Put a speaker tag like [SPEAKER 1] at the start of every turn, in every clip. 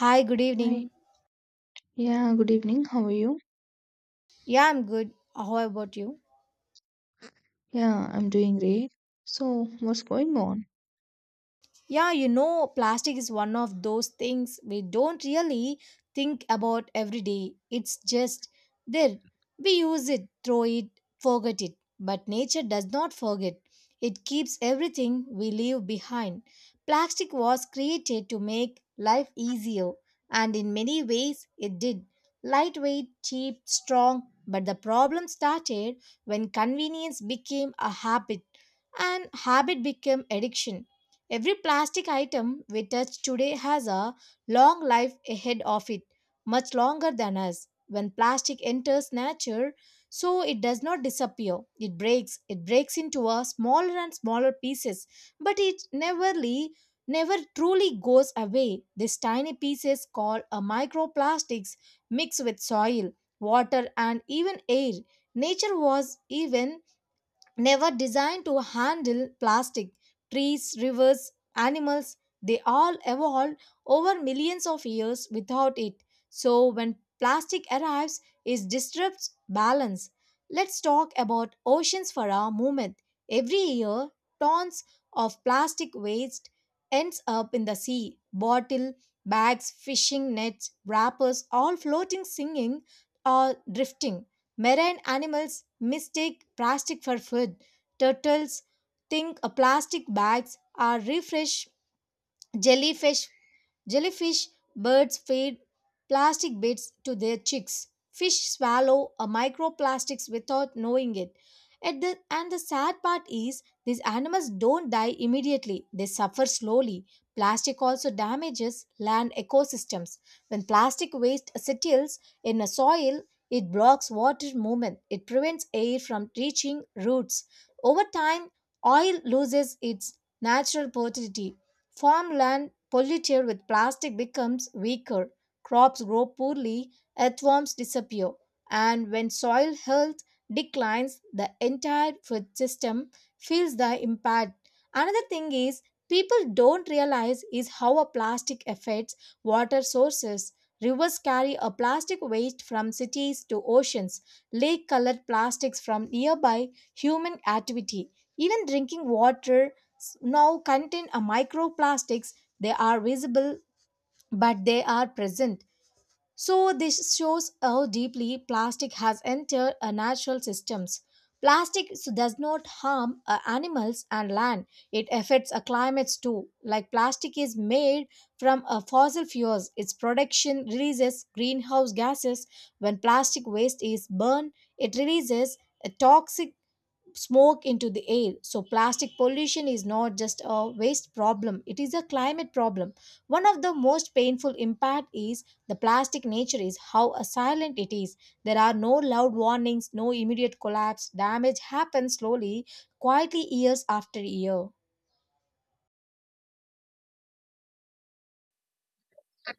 [SPEAKER 1] Hi, good evening.
[SPEAKER 2] Hi. Yeah, good evening. How are you?
[SPEAKER 1] Yeah, I'm good. How about you?
[SPEAKER 2] Yeah, I'm doing great. So, what's going on?
[SPEAKER 1] Plastic is one of those things we don't really think about every day. It's just there. We use it, throw it, forget it. But nature does not forget. It keeps everything we leave behind. Plastic was created to make life easier, and in many ways it did. Lightweight, cheap, strong, but the problem started when convenience became a habit, and habit became addiction. Every plastic item we touch today has a long life ahead of it, much longer than us. When plastic enters nature, so it does not disappear. It breaks. It breaks into a smaller and smaller pieces, but it never truly goes away. These tiny pieces called a microplastics mix with soil, water and even air. Nature was even never designed to handle plastic. Trees, rivers, animals, they all evolved over millions of years without it. So when plastic arrives, it disrupts balance. Let's talk about oceans for a moment. Every year, tons of plastic waste ends up in the sea. Bottle, bags, fishing nets, wrappers, all floating, singing, or drifting. Marine animals mistake plastic for food. Turtles think plastic bags are refresh. Jellyfish, jellyfish, birds feed plastic bits to their chicks. Fish swallow a microplastics without knowing it. And the sad part is these animals don't die immediately. They suffer slowly. Plastic also damages land ecosystems. When plastic waste settles in a soil, it blocks water movement. It prevents air from reaching roots. Over time, oil loses its natural potability. Farmland polluted with plastic becomes weaker, crops grow poorly, earthworms disappear, and when soil health declines, the entire food system feels the impact. Another thing is people don't realize is how a plastic affects water sources. Rivers carry a plastic waste from cities to oceans, lake colored plastics from nearby human activity. Even drinking water now contain a microplastics, they are visible but they are present. So this shows how deeply plastic has entered our natural systems. Plastic does not harm animals and land, it affects our climates too. Like plastic is made from fossil fuels, its production releases greenhouse gases. When plastic waste is burned, it releases a toxic smoke into the air. So, plastic pollution is not just a waste problem, it is a climate problem. One of the most painful impact is the plastic nature is how silent it is. There are no loud warnings, no immediate collapse. Damage happens slowly, quietly years after year.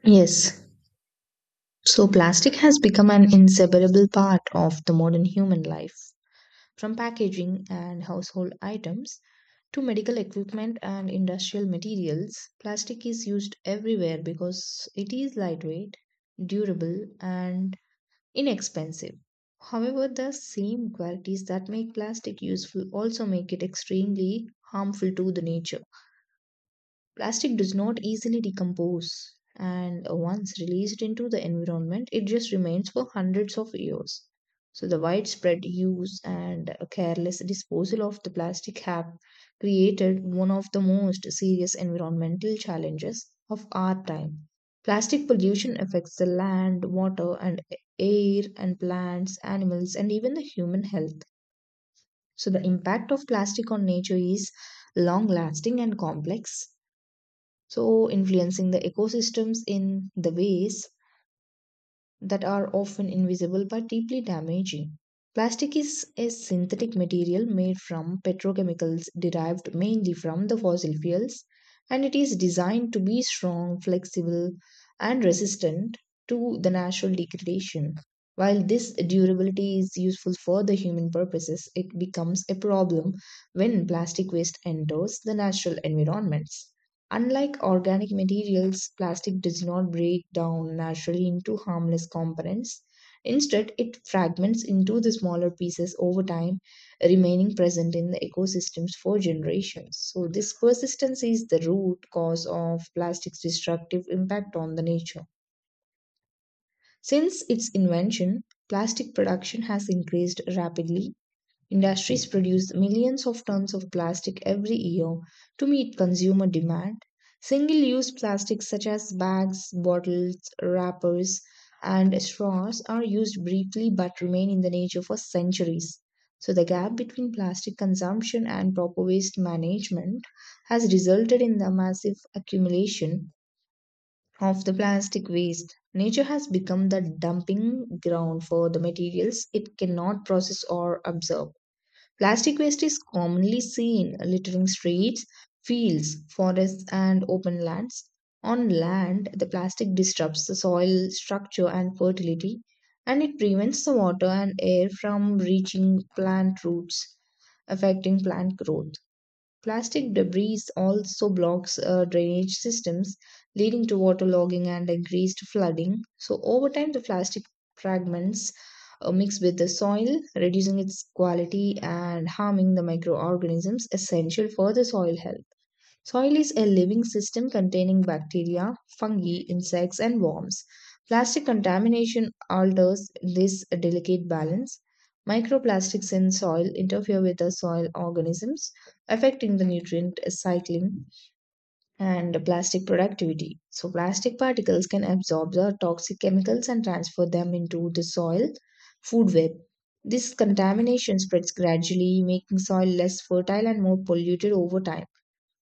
[SPEAKER 2] Yes. So plastic has become an inseparable part of the modern human life. From packaging and household items to medical equipment and industrial materials, plastic is used everywhere because it is lightweight, durable, and inexpensive. However, the same qualities that make plastic useful also make it extremely harmful to the nature. Plastic does not easily decompose, and once released into the environment, it just remains for hundreds of years. So, the widespread use and careless disposal of the plastic have created one of the most serious environmental challenges of our time. Plastic pollution affects the land, water, and air, and plants, animals, and even the human health. So, the impact of plastic on nature is long lasting and complex so influencing the ecosystems in the ways that are often invisible but deeply damaging. Plastic is a synthetic material made from petrochemicals derived mainly from the fossil fuels, and it is designed to be strong, flexible, and resistant to the natural degradation. While this durability is useful for the human purposes, it becomes a problem when plastic waste enters the natural environments. Unlike organic materials, plastic does not break down naturally into harmless components. Instead, it fragments into the smaller pieces over time, remaining present in the ecosystems for generations. So, this persistence is the root cause of plastic's destructive impact on the nature. Since its invention, plastic production has increased rapidly. Industries produce millions of tons of plastic every year to meet consumer demand. Single use plastics such as bags, bottles, wrappers, and straws are used briefly but remain in the nature for centuries. So, the gap between plastic consumption and proper waste management has resulted in the massive accumulation of the plastic waste. Nature has become the dumping ground for the materials it cannot process or absorb. Plastic waste is commonly seen littering streets, fields, forests, and open lands. On land, the plastic disrupts the soil structure and fertility, and it prevents the water and air from reaching plant roots, affecting plant growth. Plastic debris also blocks drainage systems, leading to waterlogging and increased flooding. So, over time, the plastic fragments mix with the soil, reducing its quality and harming the microorganisms essential for the soil health. Soil is a living system containing bacteria, fungi, insects, and worms. Plastic contamination alters this delicate balance. Microplastics in soil interfere with the soil organisms, affecting the nutrient cycling and plastic productivity. So, plastic particles can absorb the toxic chemicals and transfer them into the soil food web. This contamination spreads gradually, making soil less fertile and more polluted over time.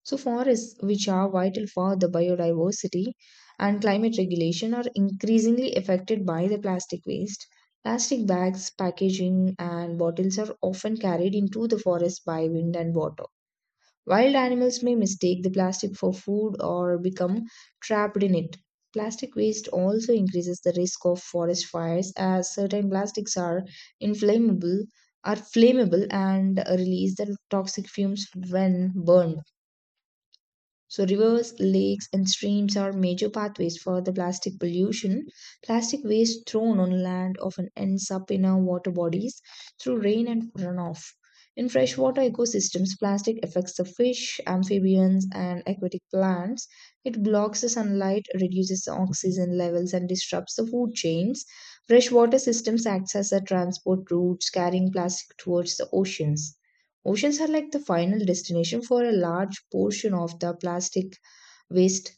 [SPEAKER 2] So, forests, which are vital for the biodiversity and climate regulation, are increasingly affected by the plastic waste. Plastic bags, packaging, and bottles are often carried into the forest by wind and water. Wild animals may mistake the plastic for food or become trapped in it. Plastic waste also increases the risk of forest fires as certain plastics are inflammable, flammable and release the toxic fumes when burned. So, rivers, lakes, and streams are major pathways for the plastic pollution. Plastic waste thrown on land often ends up in our water bodies through rain and runoff. In freshwater ecosystems, plastic affects the fish, amphibians, and aquatic plants. It blocks the sunlight, reduces the oxygen levels, and disrupts the food chains. Freshwater systems act as the transport routes, carrying plastic towards the oceans. Oceans are like the final destination for a large portion of the plastic waste.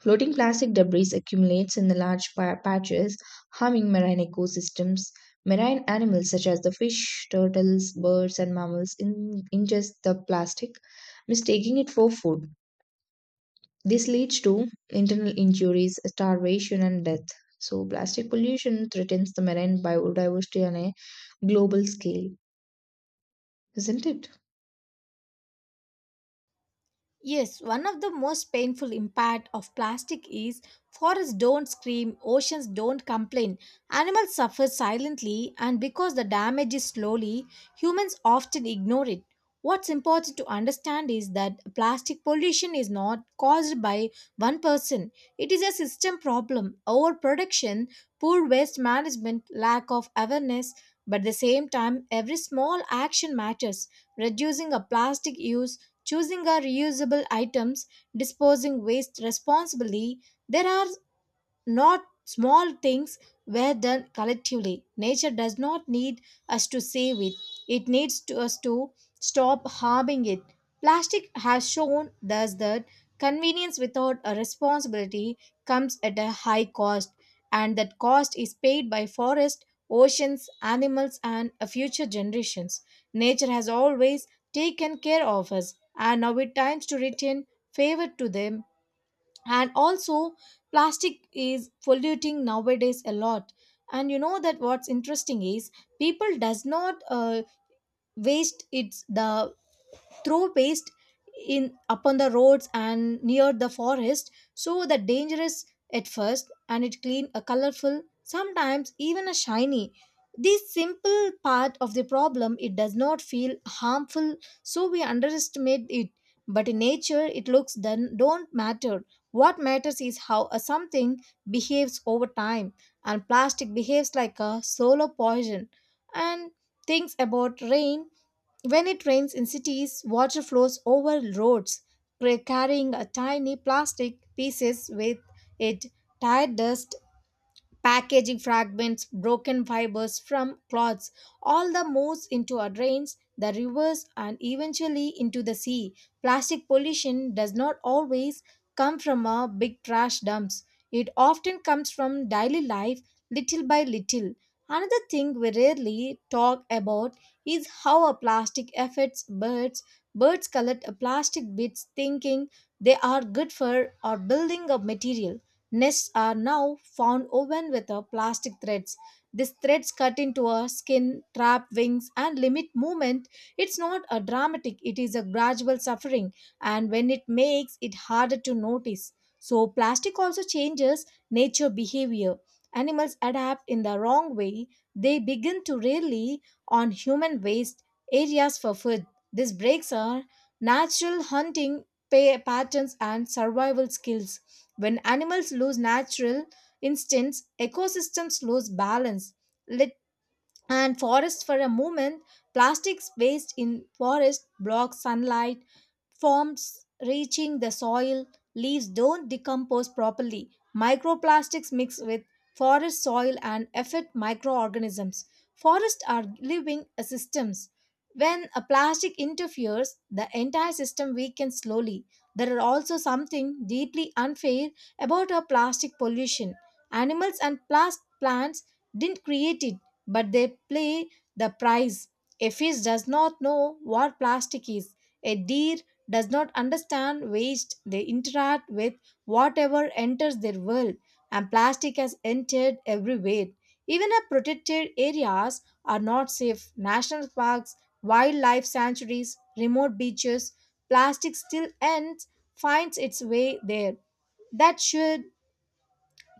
[SPEAKER 2] Floating plastic debris accumulates in the large patches, harming marine ecosystems. Marine animals such as the fish, turtles, birds, and mammals ingest the plastic, mistaking it for food. This leads to internal injuries, starvation, and death. So, plastic pollution threatens the marine biodiversity on a global scale, isn't it?
[SPEAKER 1] Yes, one of the most painful impact of plastic is forests don't scream, oceans don't complain, animals suffer silently, and because the damage is slowly, humans often ignore it. What's important to understand is that plastic pollution is not caused by one person. It is a system problem, overproduction, poor waste management, lack of awareness, but at the same time every small action matters. Reducing a plastic use, choosing our reusable items, disposing waste responsibly. There are not small things were done collectively. Nature does not need us to save it, it needs to us to stop harming it. Plastic has shown thus that convenience without a responsibility comes at a high cost, and that cost is paid by forests, oceans, animals, and future generations. Nature has always taken care of us, and now it times to return favor to them. And also plastic is polluting nowadays a lot, and you know that what's interesting is people does not waste its the throw waste in upon the roads and near the forest, so the dangerous at first and it clean a colorful sometimes even a shiny. This simple part of the problem it does not feel harmful, so we underestimate it, but in nature it looks then don't matter. What matters is how a something behaves over time, and plastic behaves like a solar poison. And things about rain, when it rains in cities, water flows over roads, carrying a tiny plastic pieces with it, tire dust, packaging fragments, broken fibers from cloths, all the moves into our drains, the rivers, and eventually into the sea. Plastic pollution does not always come from our big trash dumps. It often comes from daily life, little by little. Another thing we rarely talk about is how a plastic affects birds. Birds collect a plastic bits thinking they are good for or building a material. Nests are now found woven with plastic threads. These threads cut into a skin, trap wings, and limit movement. It's not a dramatic, it is a gradual suffering, and when it makes it harder to notice. So, plastic also changes nature behavior. Animals adapt in the wrong way, they begin to rely on human waste areas for food. This breaks our natural hunting patterns and survival skills. When animals lose natural instincts, ecosystems lose balance. And forests for a moment, plastics waste in forest blocks sunlight forms reaching the soil, leaves don't decompose properly, microplastics mix with forest soil and affect microorganisms. Forests are living systems, when a plastic interferes the entire system weakens slowly. There are also something deeply unfair about our plastic pollution. Animals and plants didn't create it, but they play the prize. A fish does not know what plastic is. A deer does not understand waste. They interact with whatever enters their world, and plastic has entered everywhere. Even our protected areas are not safe. National parks, wildlife sanctuaries, remote beaches, plastic still ends finds its way there. That should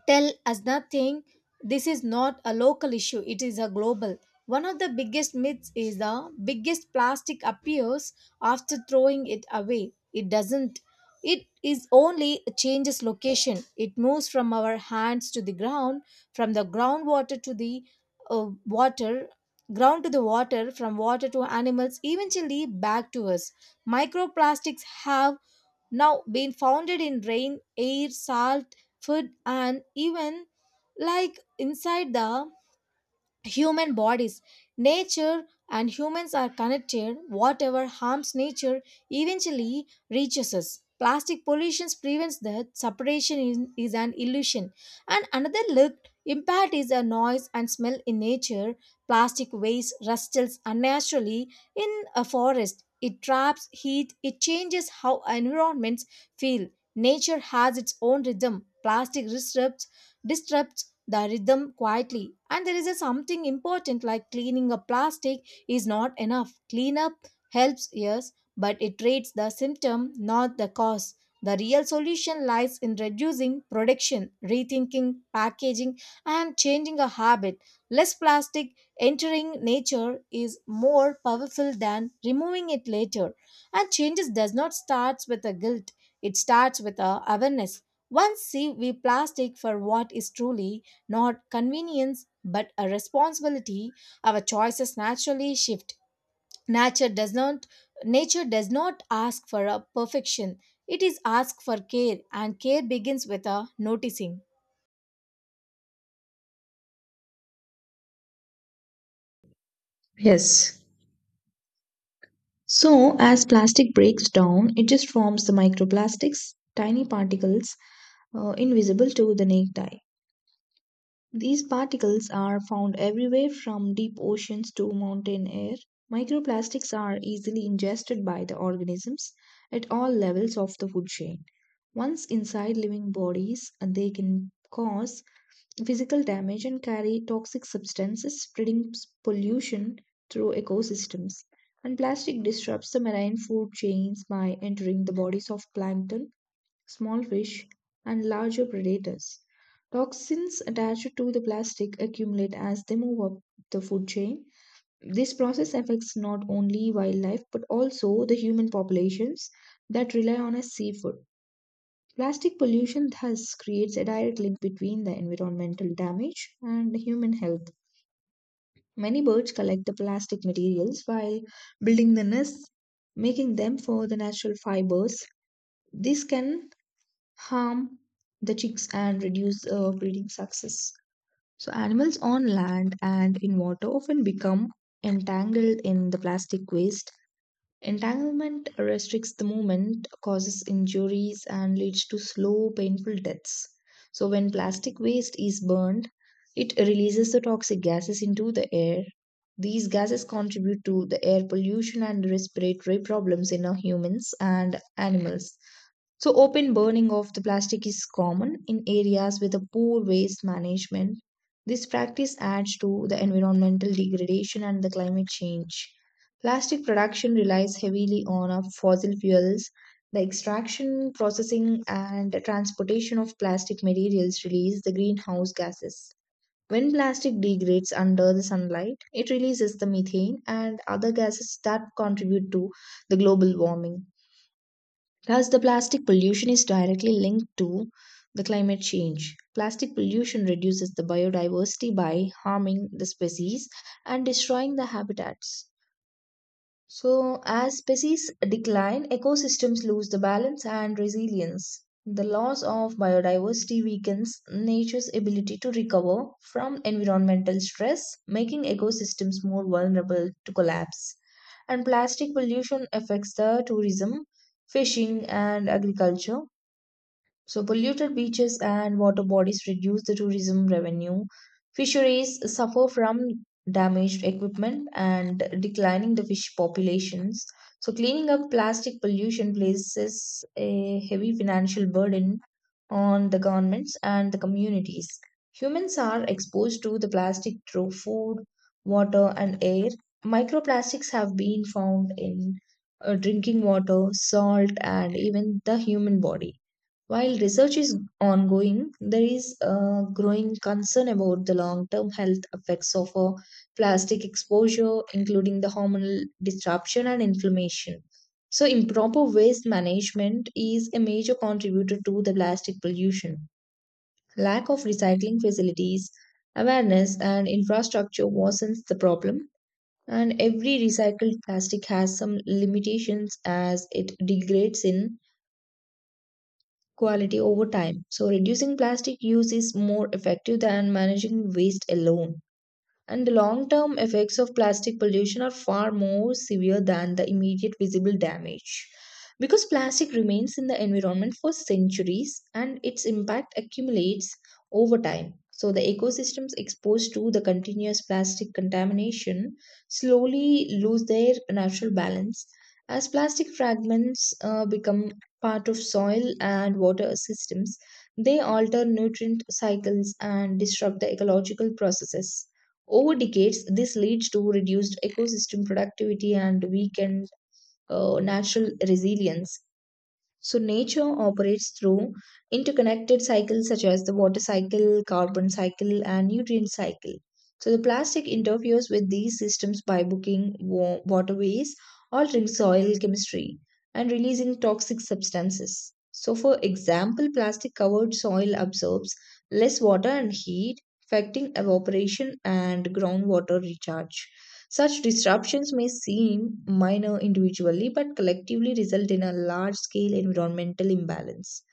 [SPEAKER 1] tell us nothing. This is not a local issue, it is a global. One of the biggest myths is the biggest plastic appears after throwing it away. It doesn't. It is only changes location. It moves from our hands to the ground, from the groundwater to the water, ground to the water, from water to animals, eventually back to us. Microplastics have now been founded in rain, air, salt, food, and even like inside the human bodies. Nature and humans are connected. Whatever harms nature eventually reaches us. Plastic pollution prevents that. Is an illusion. And another look impact is a noise and smell in nature. Plastic waste rustles unnaturally in a forest. It traps heat. It changes how environments feel. Nature has its own rhythm. Plastic disrupts the rhythm quietly. And there is a something important like cleaning a plastic is not enough. Cleanup helps, yes, but it treats the symptom, not the cause. The real solution lies in reducing production, rethinking packaging, and changing a habit. Less plastic entering nature is more powerful than removing it later. And changes does not start with a guilt, it starts with a awareness. Once see we plastic for what is truly not convenience but a responsibility, our choices naturally shift. nature does not Nature does not ask for a perfection, it is asked for care, and care begins with a noticing.
[SPEAKER 2] Yes. So, as plastic breaks down, it just forms the microplastics, tiny particles invisible to the naked eye. These particles are found everywhere from deep oceans to mountain air. Microplastics are easily ingested by the organisms at all levels of the food chain. Once inside living bodies, they can cause physical damage and carry toxic substances, spreading pollution through ecosystems. And plastic disrupts the marine food chains by entering the bodies of plankton, small fish, and larger predators. Toxins attached to the plastic accumulate as they move up the food chain. This process affects not only wildlife but also the human populations that rely on a seafood. Plastic pollution thus creates a direct link between the environmental damage and human health. Many birds collect the plastic materials while building the nests, making them for the natural fibers. This can harm the chicks and reduce breeding success. So, animals on land and in water often become entangled in the plastic waste. Entanglement restricts the movement, causes injuries, and leads to slow, painful deaths. So, when plastic waste is burned, it releases the toxic gases into the air. These gases contribute to the air pollution and respiratory problems in our humans and animals. So, open burning of the plastic is common in areas with a poor waste management. This practice adds to the environmental degradation and the climate change. Plastic production relies heavily on fossil fuels. The extraction, processing, and transportation of plastic materials release the greenhouse gases. When plastic degrades under the sunlight, it releases the methane and other gases that contribute to the global warming. Thus, the plastic pollution is directly linked to the climate change. Plastic pollution reduces the biodiversity by harming the species and destroying the habitats. So, as species decline, ecosystems lose the balance and resilience. The loss of biodiversity weakens nature's ability to recover from environmental stress, making ecosystems more vulnerable to collapse. And plastic pollution affects the tourism, fishing, and agriculture, so, polluted beaches and water bodies reduce the tourism revenue. Fisheries suffer from damaged equipment and declining the fish populations. So, cleaning up plastic pollution places a heavy financial burden on the governments and the communities. Humans are exposed to the plastic through food, water, and air. Microplastics have been found in drinking water, salt, and even the human body. While research is ongoing, there is a growing concern about the long term health effects of plastic exposure, including the hormonal disruption and inflammation. So, improper waste management is a major contributor to the plastic pollution. Lack of recycling facilities, awareness, and infrastructure worsens the problem. And every recycled plastic has some limitations as it degrades in quality over time. So, reducing plastic use is more effective than managing waste alone. And the long term effects of plastic pollution are far more severe than the immediate visible damage. Because plastic remains in the environment for centuries and its impact accumulates over time. So, the ecosystems exposed to the continuous plastic contamination slowly lose their natural balance as plastic fragments become part of soil and water systems. They alter nutrient cycles and disrupt the ecological processes over decades, this leads to reduced ecosystem productivity and weakened natural resilience. So nature operates through interconnected cycles such as the water cycle, carbon cycle, and nutrient cycle. So the plastic interferes with these systems by booking waterways, altering soil chemistry, and releasing toxic substances. So, for example, plastic covered soil absorbs less water and heat, affecting evaporation and groundwater recharge. Such disruptions may seem minor individually but collectively result in a large scale environmental imbalance.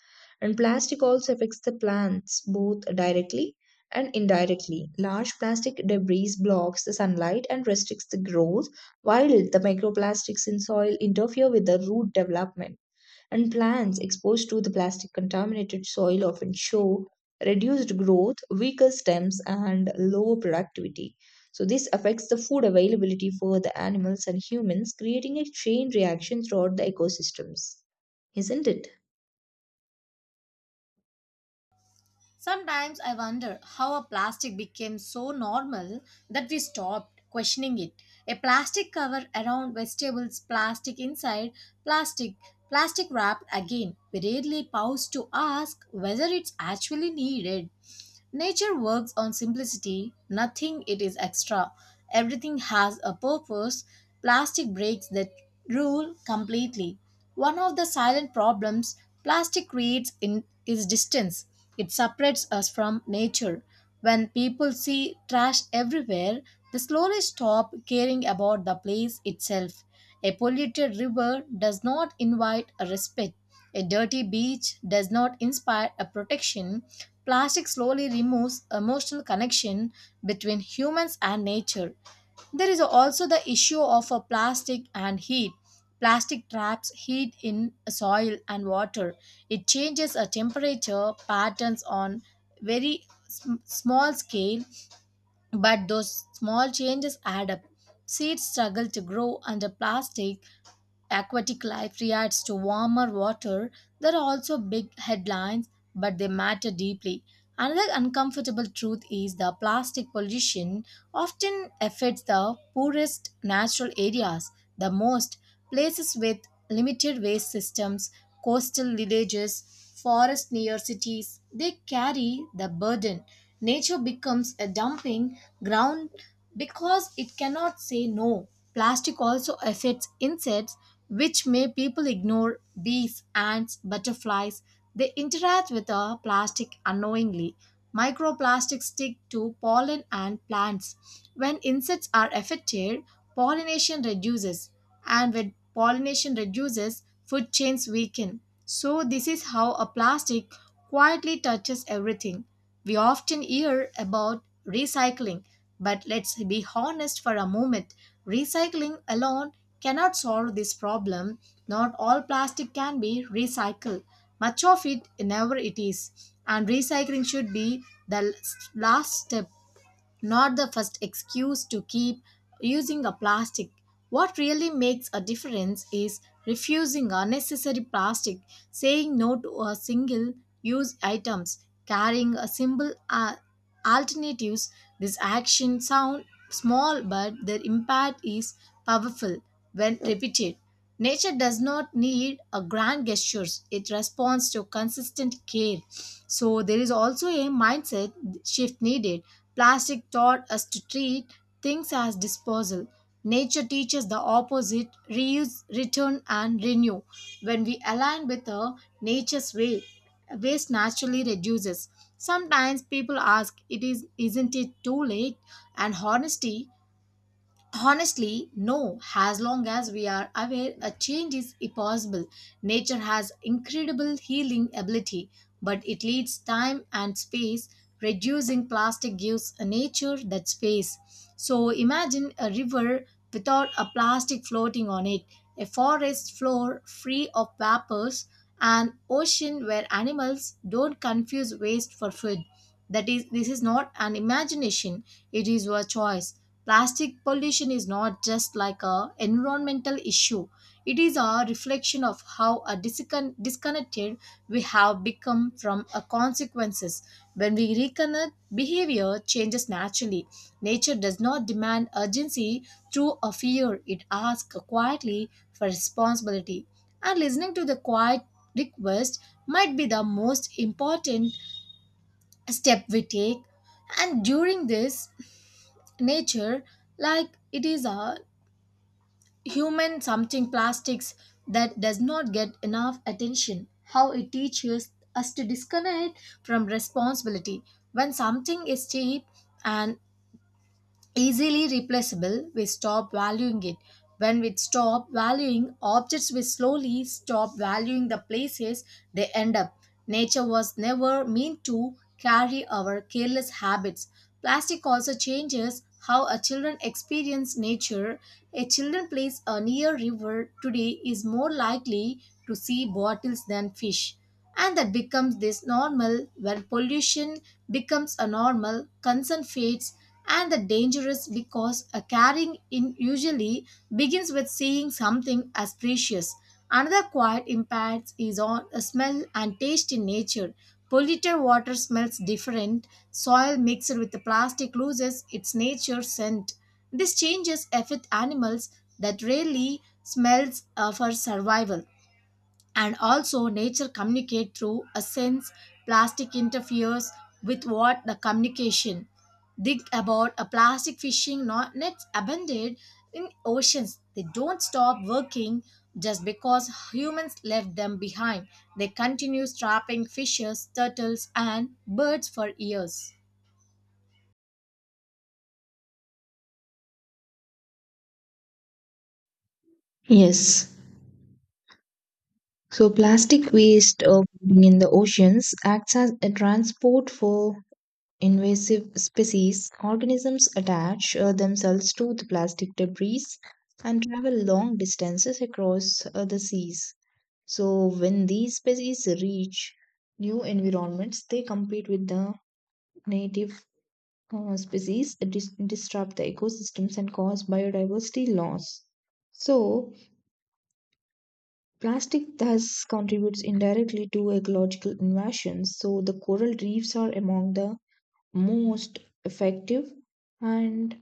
[SPEAKER 2] And plastic also affects the plants both directly and indirectly. Large plastic debris blocks the sunlight and restricts the growth, while the microplastics in soil interfere with the root development and plants exposed to the plastic contaminated soil often show reduced growth, weaker stems, and lower productivity. So, this affects the food availability for the animals and humans, creating a chain reaction throughout the ecosystems. Isn't it?
[SPEAKER 1] Sometimes I wonder how a plastic became so normal that we stopped questioning it. A plastic cover around vegetables, plastic inside, plastic, plastic wrapped again. We rarely pause to ask whether it's actually needed. Nature works on simplicity, nothing it is extra. Everything has a purpose. Plastic breaks that rule completely. One of the silent problems plastic creates in, is distance. It separates us from nature. When people see trash everywhere, they slowly stop caring about the place itself. A polluted river does not invite a respite. A dirty beach does not inspire a protection. Plastic slowly removes emotional connection between humans and nature. There is also the issue of a plastic and heat. Plastic traps heat in soil and water. It changes a temperature patterns on very small scale, but those small changes add up. Seeds struggle to grow under plastic. Aquatic life reacts to warmer water. There are also big headlines, but they matter deeply. Another uncomfortable truth is the plastic pollution often affects the poorest natural areas the most. Places with limited waste systems, coastal villages, forests near cities, they carry the burden. Nature becomes a dumping ground because it cannot say no. Plastic also affects insects, which may people ignore bees, ants, butterflies. They interact with the plastic unknowingly. Microplastics stick to pollen and plants. When insects are affected, pollination reduces, and when pollination reduces, food chains weaken. So, this is how a plastic quietly touches everything. We often hear about recycling, but let's be honest for a moment, recycling alone cannot solve this problem. Not all plastic can be recycled, much of it never it is. And recycling should be the last step, not the first excuse to keep using a plastic. What really makes a difference is refusing unnecessary plastic, saying no to a single use items, carrying a simple alternatives. This action sound small but their impact is powerful when repeated. Nature does not need a grand gestures. It responds to consistent care. So there is also a mindset shift needed. Plastic taught us to treat things as disposal. Nature teaches the opposite reuse, return, and renew. When we align with nature's way, waste naturally reduces. Sometimes people ask, isn't it too late? And honesty Honestly, no. As long as we are aware a change is possible, nature has incredible healing ability, but it needs time and space. Reducing plastic gives nature that space. So imagine a river without a plastic floating on it, a forest floor free of vapors, an ocean where animals don't confuse waste for food. This is not an imagination, it is your choice. Plastic pollution is not just like a environmental issue. It is a reflection of how a disconnected we have become from a consequences. When we reconnect, behavior changes naturally. Nature does not demand urgency through a fear. It asks quietly for responsibility. And listening to the quiet request might be the most important step we take. And during this nature like it is a human something plastics that does not get enough attention how it teaches us to disconnect from responsibility when something is cheap and easily replaceable, we stop valuing it. When we stop valuing objects, we slowly stop valuing the places they end up. Nature was never meant to carry our careless habits. Plastic also changes how a children experience nature. A children plays a near river today is more likely to see bottles than fish. And that becomes this normal when pollution becomes a normal, concern fades and the dangerous because a caring in usually begins with seeing something as precious. Another quiet impact is on a smell and taste in nature. Polluted water smells different. Soil mixed with the plastic loses its nature scent. This changes affect animals that rarely smells for survival. And also nature communicate through a sense, plastic interferes with what the communication. Think about a plastic fishing not nets abandoned in oceans, they don't stop working just because humans left them behind, they continue trapping fishes, turtles and birds for years.
[SPEAKER 2] Yes. So plastic waste floating in the oceans acts as a transport for invasive species, organisms attach themselves to the plastic debris and travel long distances across the seas. So, when these species reach new environments, they compete with the native species, disrupt the ecosystems, and cause biodiversity loss. So, plastic thus contributes indirectly to ecological invasions. So, the coral reefs are among the most effective and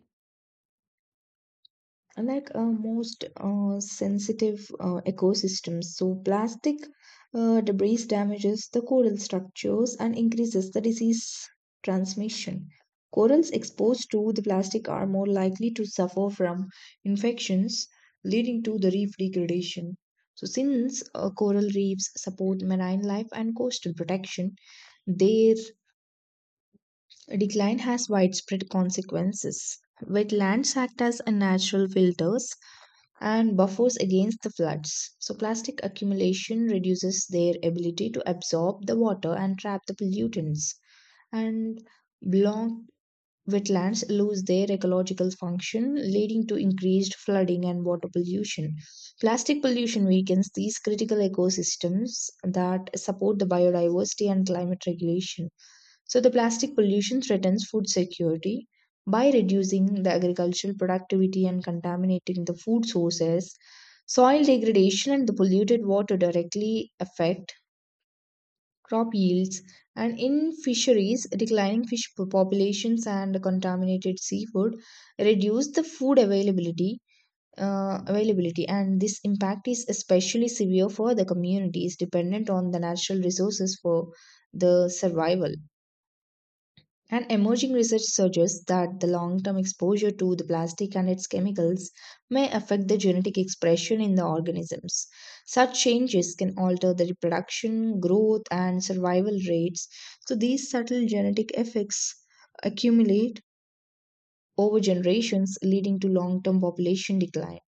[SPEAKER 2] most sensitive ecosystems. So, plastic debris damages the coral structures and increases the disease transmission. Corals exposed to the plastic are more likely to suffer from infections, leading to the reef degradation. So, since coral reefs support marine life and coastal protection, their decline has widespread consequences. Wetlands act as a natural filters and buffers against the floods. So, plastic accumulation reduces their ability to absorb the water and trap the pollutants. And block wetlands lose their ecological function, leading to increased flooding and water pollution. Plastic pollution weakens these critical ecosystems that support the biodiversity and climate regulation. So, the plastic pollution threatens food security by reducing the agricultural productivity and contaminating the food sources. Soil degradation and the polluted water directly affect crop yields, and in fisheries, declining fish populations and contaminated seafood reduce the food availability. Availability, and this impact is especially severe for the communities dependent on the natural resources for the survival. And emerging research suggests that the long term exposure to the plastic and its chemicals may affect the genetic expression in the organisms. Such changes can alter the reproduction, growth, and survival rates. So, these subtle genetic effects accumulate over generations, leading to long term population decline.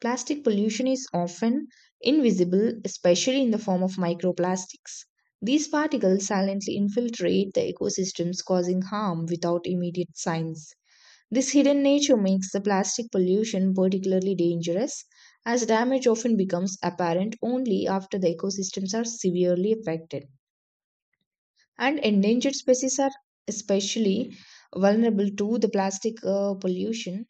[SPEAKER 2] Plastic pollution is often invisible, especially in the form of microplastics. These particles silently infiltrate the ecosystems, causing harm without immediate signs. This hidden nature makes the plastic pollution particularly dangerous, as damage often becomes apparent only after the ecosystems are severely affected. And endangered species are especially vulnerable to the plastic pollution.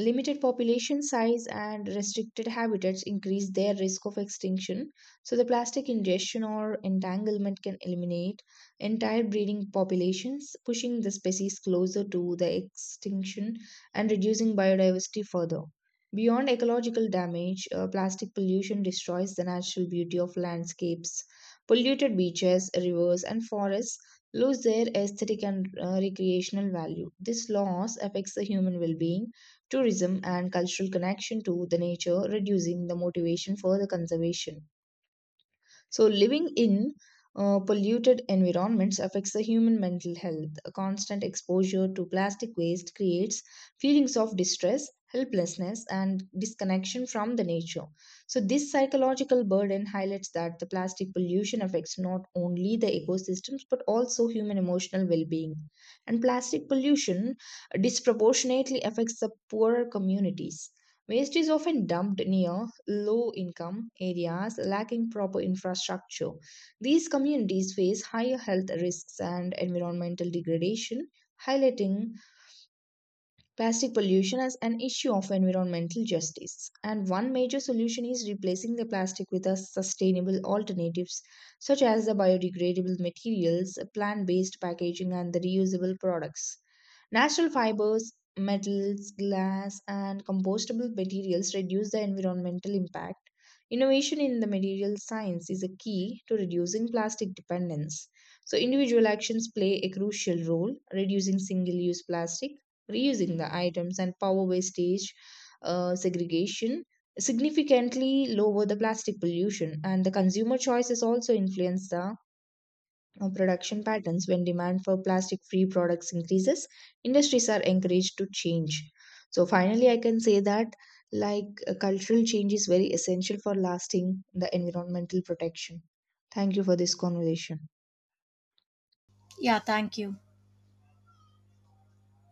[SPEAKER 2] Limited population size and restricted habitats increase their risk of extinction, so the plastic ingestion or entanglement can eliminate entire breeding populations, pushing the species closer to the extinction and reducing biodiversity further. Beyond ecological damage, plastic pollution destroys the natural beauty of landscapes. Polluted beaches, rivers, and forests lose their aesthetic and recreational value. This loss affects the human well being tourism, and cultural connection to the nature, reducing the motivation for the conservation. So, living in polluted environments affects the human mental health. A constant exposure to plastic waste creates feelings of distress, helplessness, and disconnection from the nature. So, this psychological burden highlights that the plastic pollution affects not only the ecosystems but also human emotional well being. And plastic pollution disproportionately affects the poorer communities. Waste is often dumped near low income areas lacking proper infrastructure. These communities face higher health risks and environmental degradation, highlighting plastic pollution is an issue of environmental justice, and one major solution is replacing the plastic with a sustainable alternatives such as the biodegradable materials, plant-based packaging, and the reusable products. Natural fibers, metals, glass, and compostable materials reduce the environmental impact. Innovation in the material science is a key to reducing plastic dependence. So, individual actions play a crucial role, reducing single use plastic, reusing the items and power wastage segregation significantly lower the plastic pollution and the consumer choices also influence the production patterns when demand for plastic free products increases industries are encouraged to change. So finally I can say that cultural change is very essential for lasting the environmental protection. Thank you for this conversation.
[SPEAKER 1] Yeah, thank you.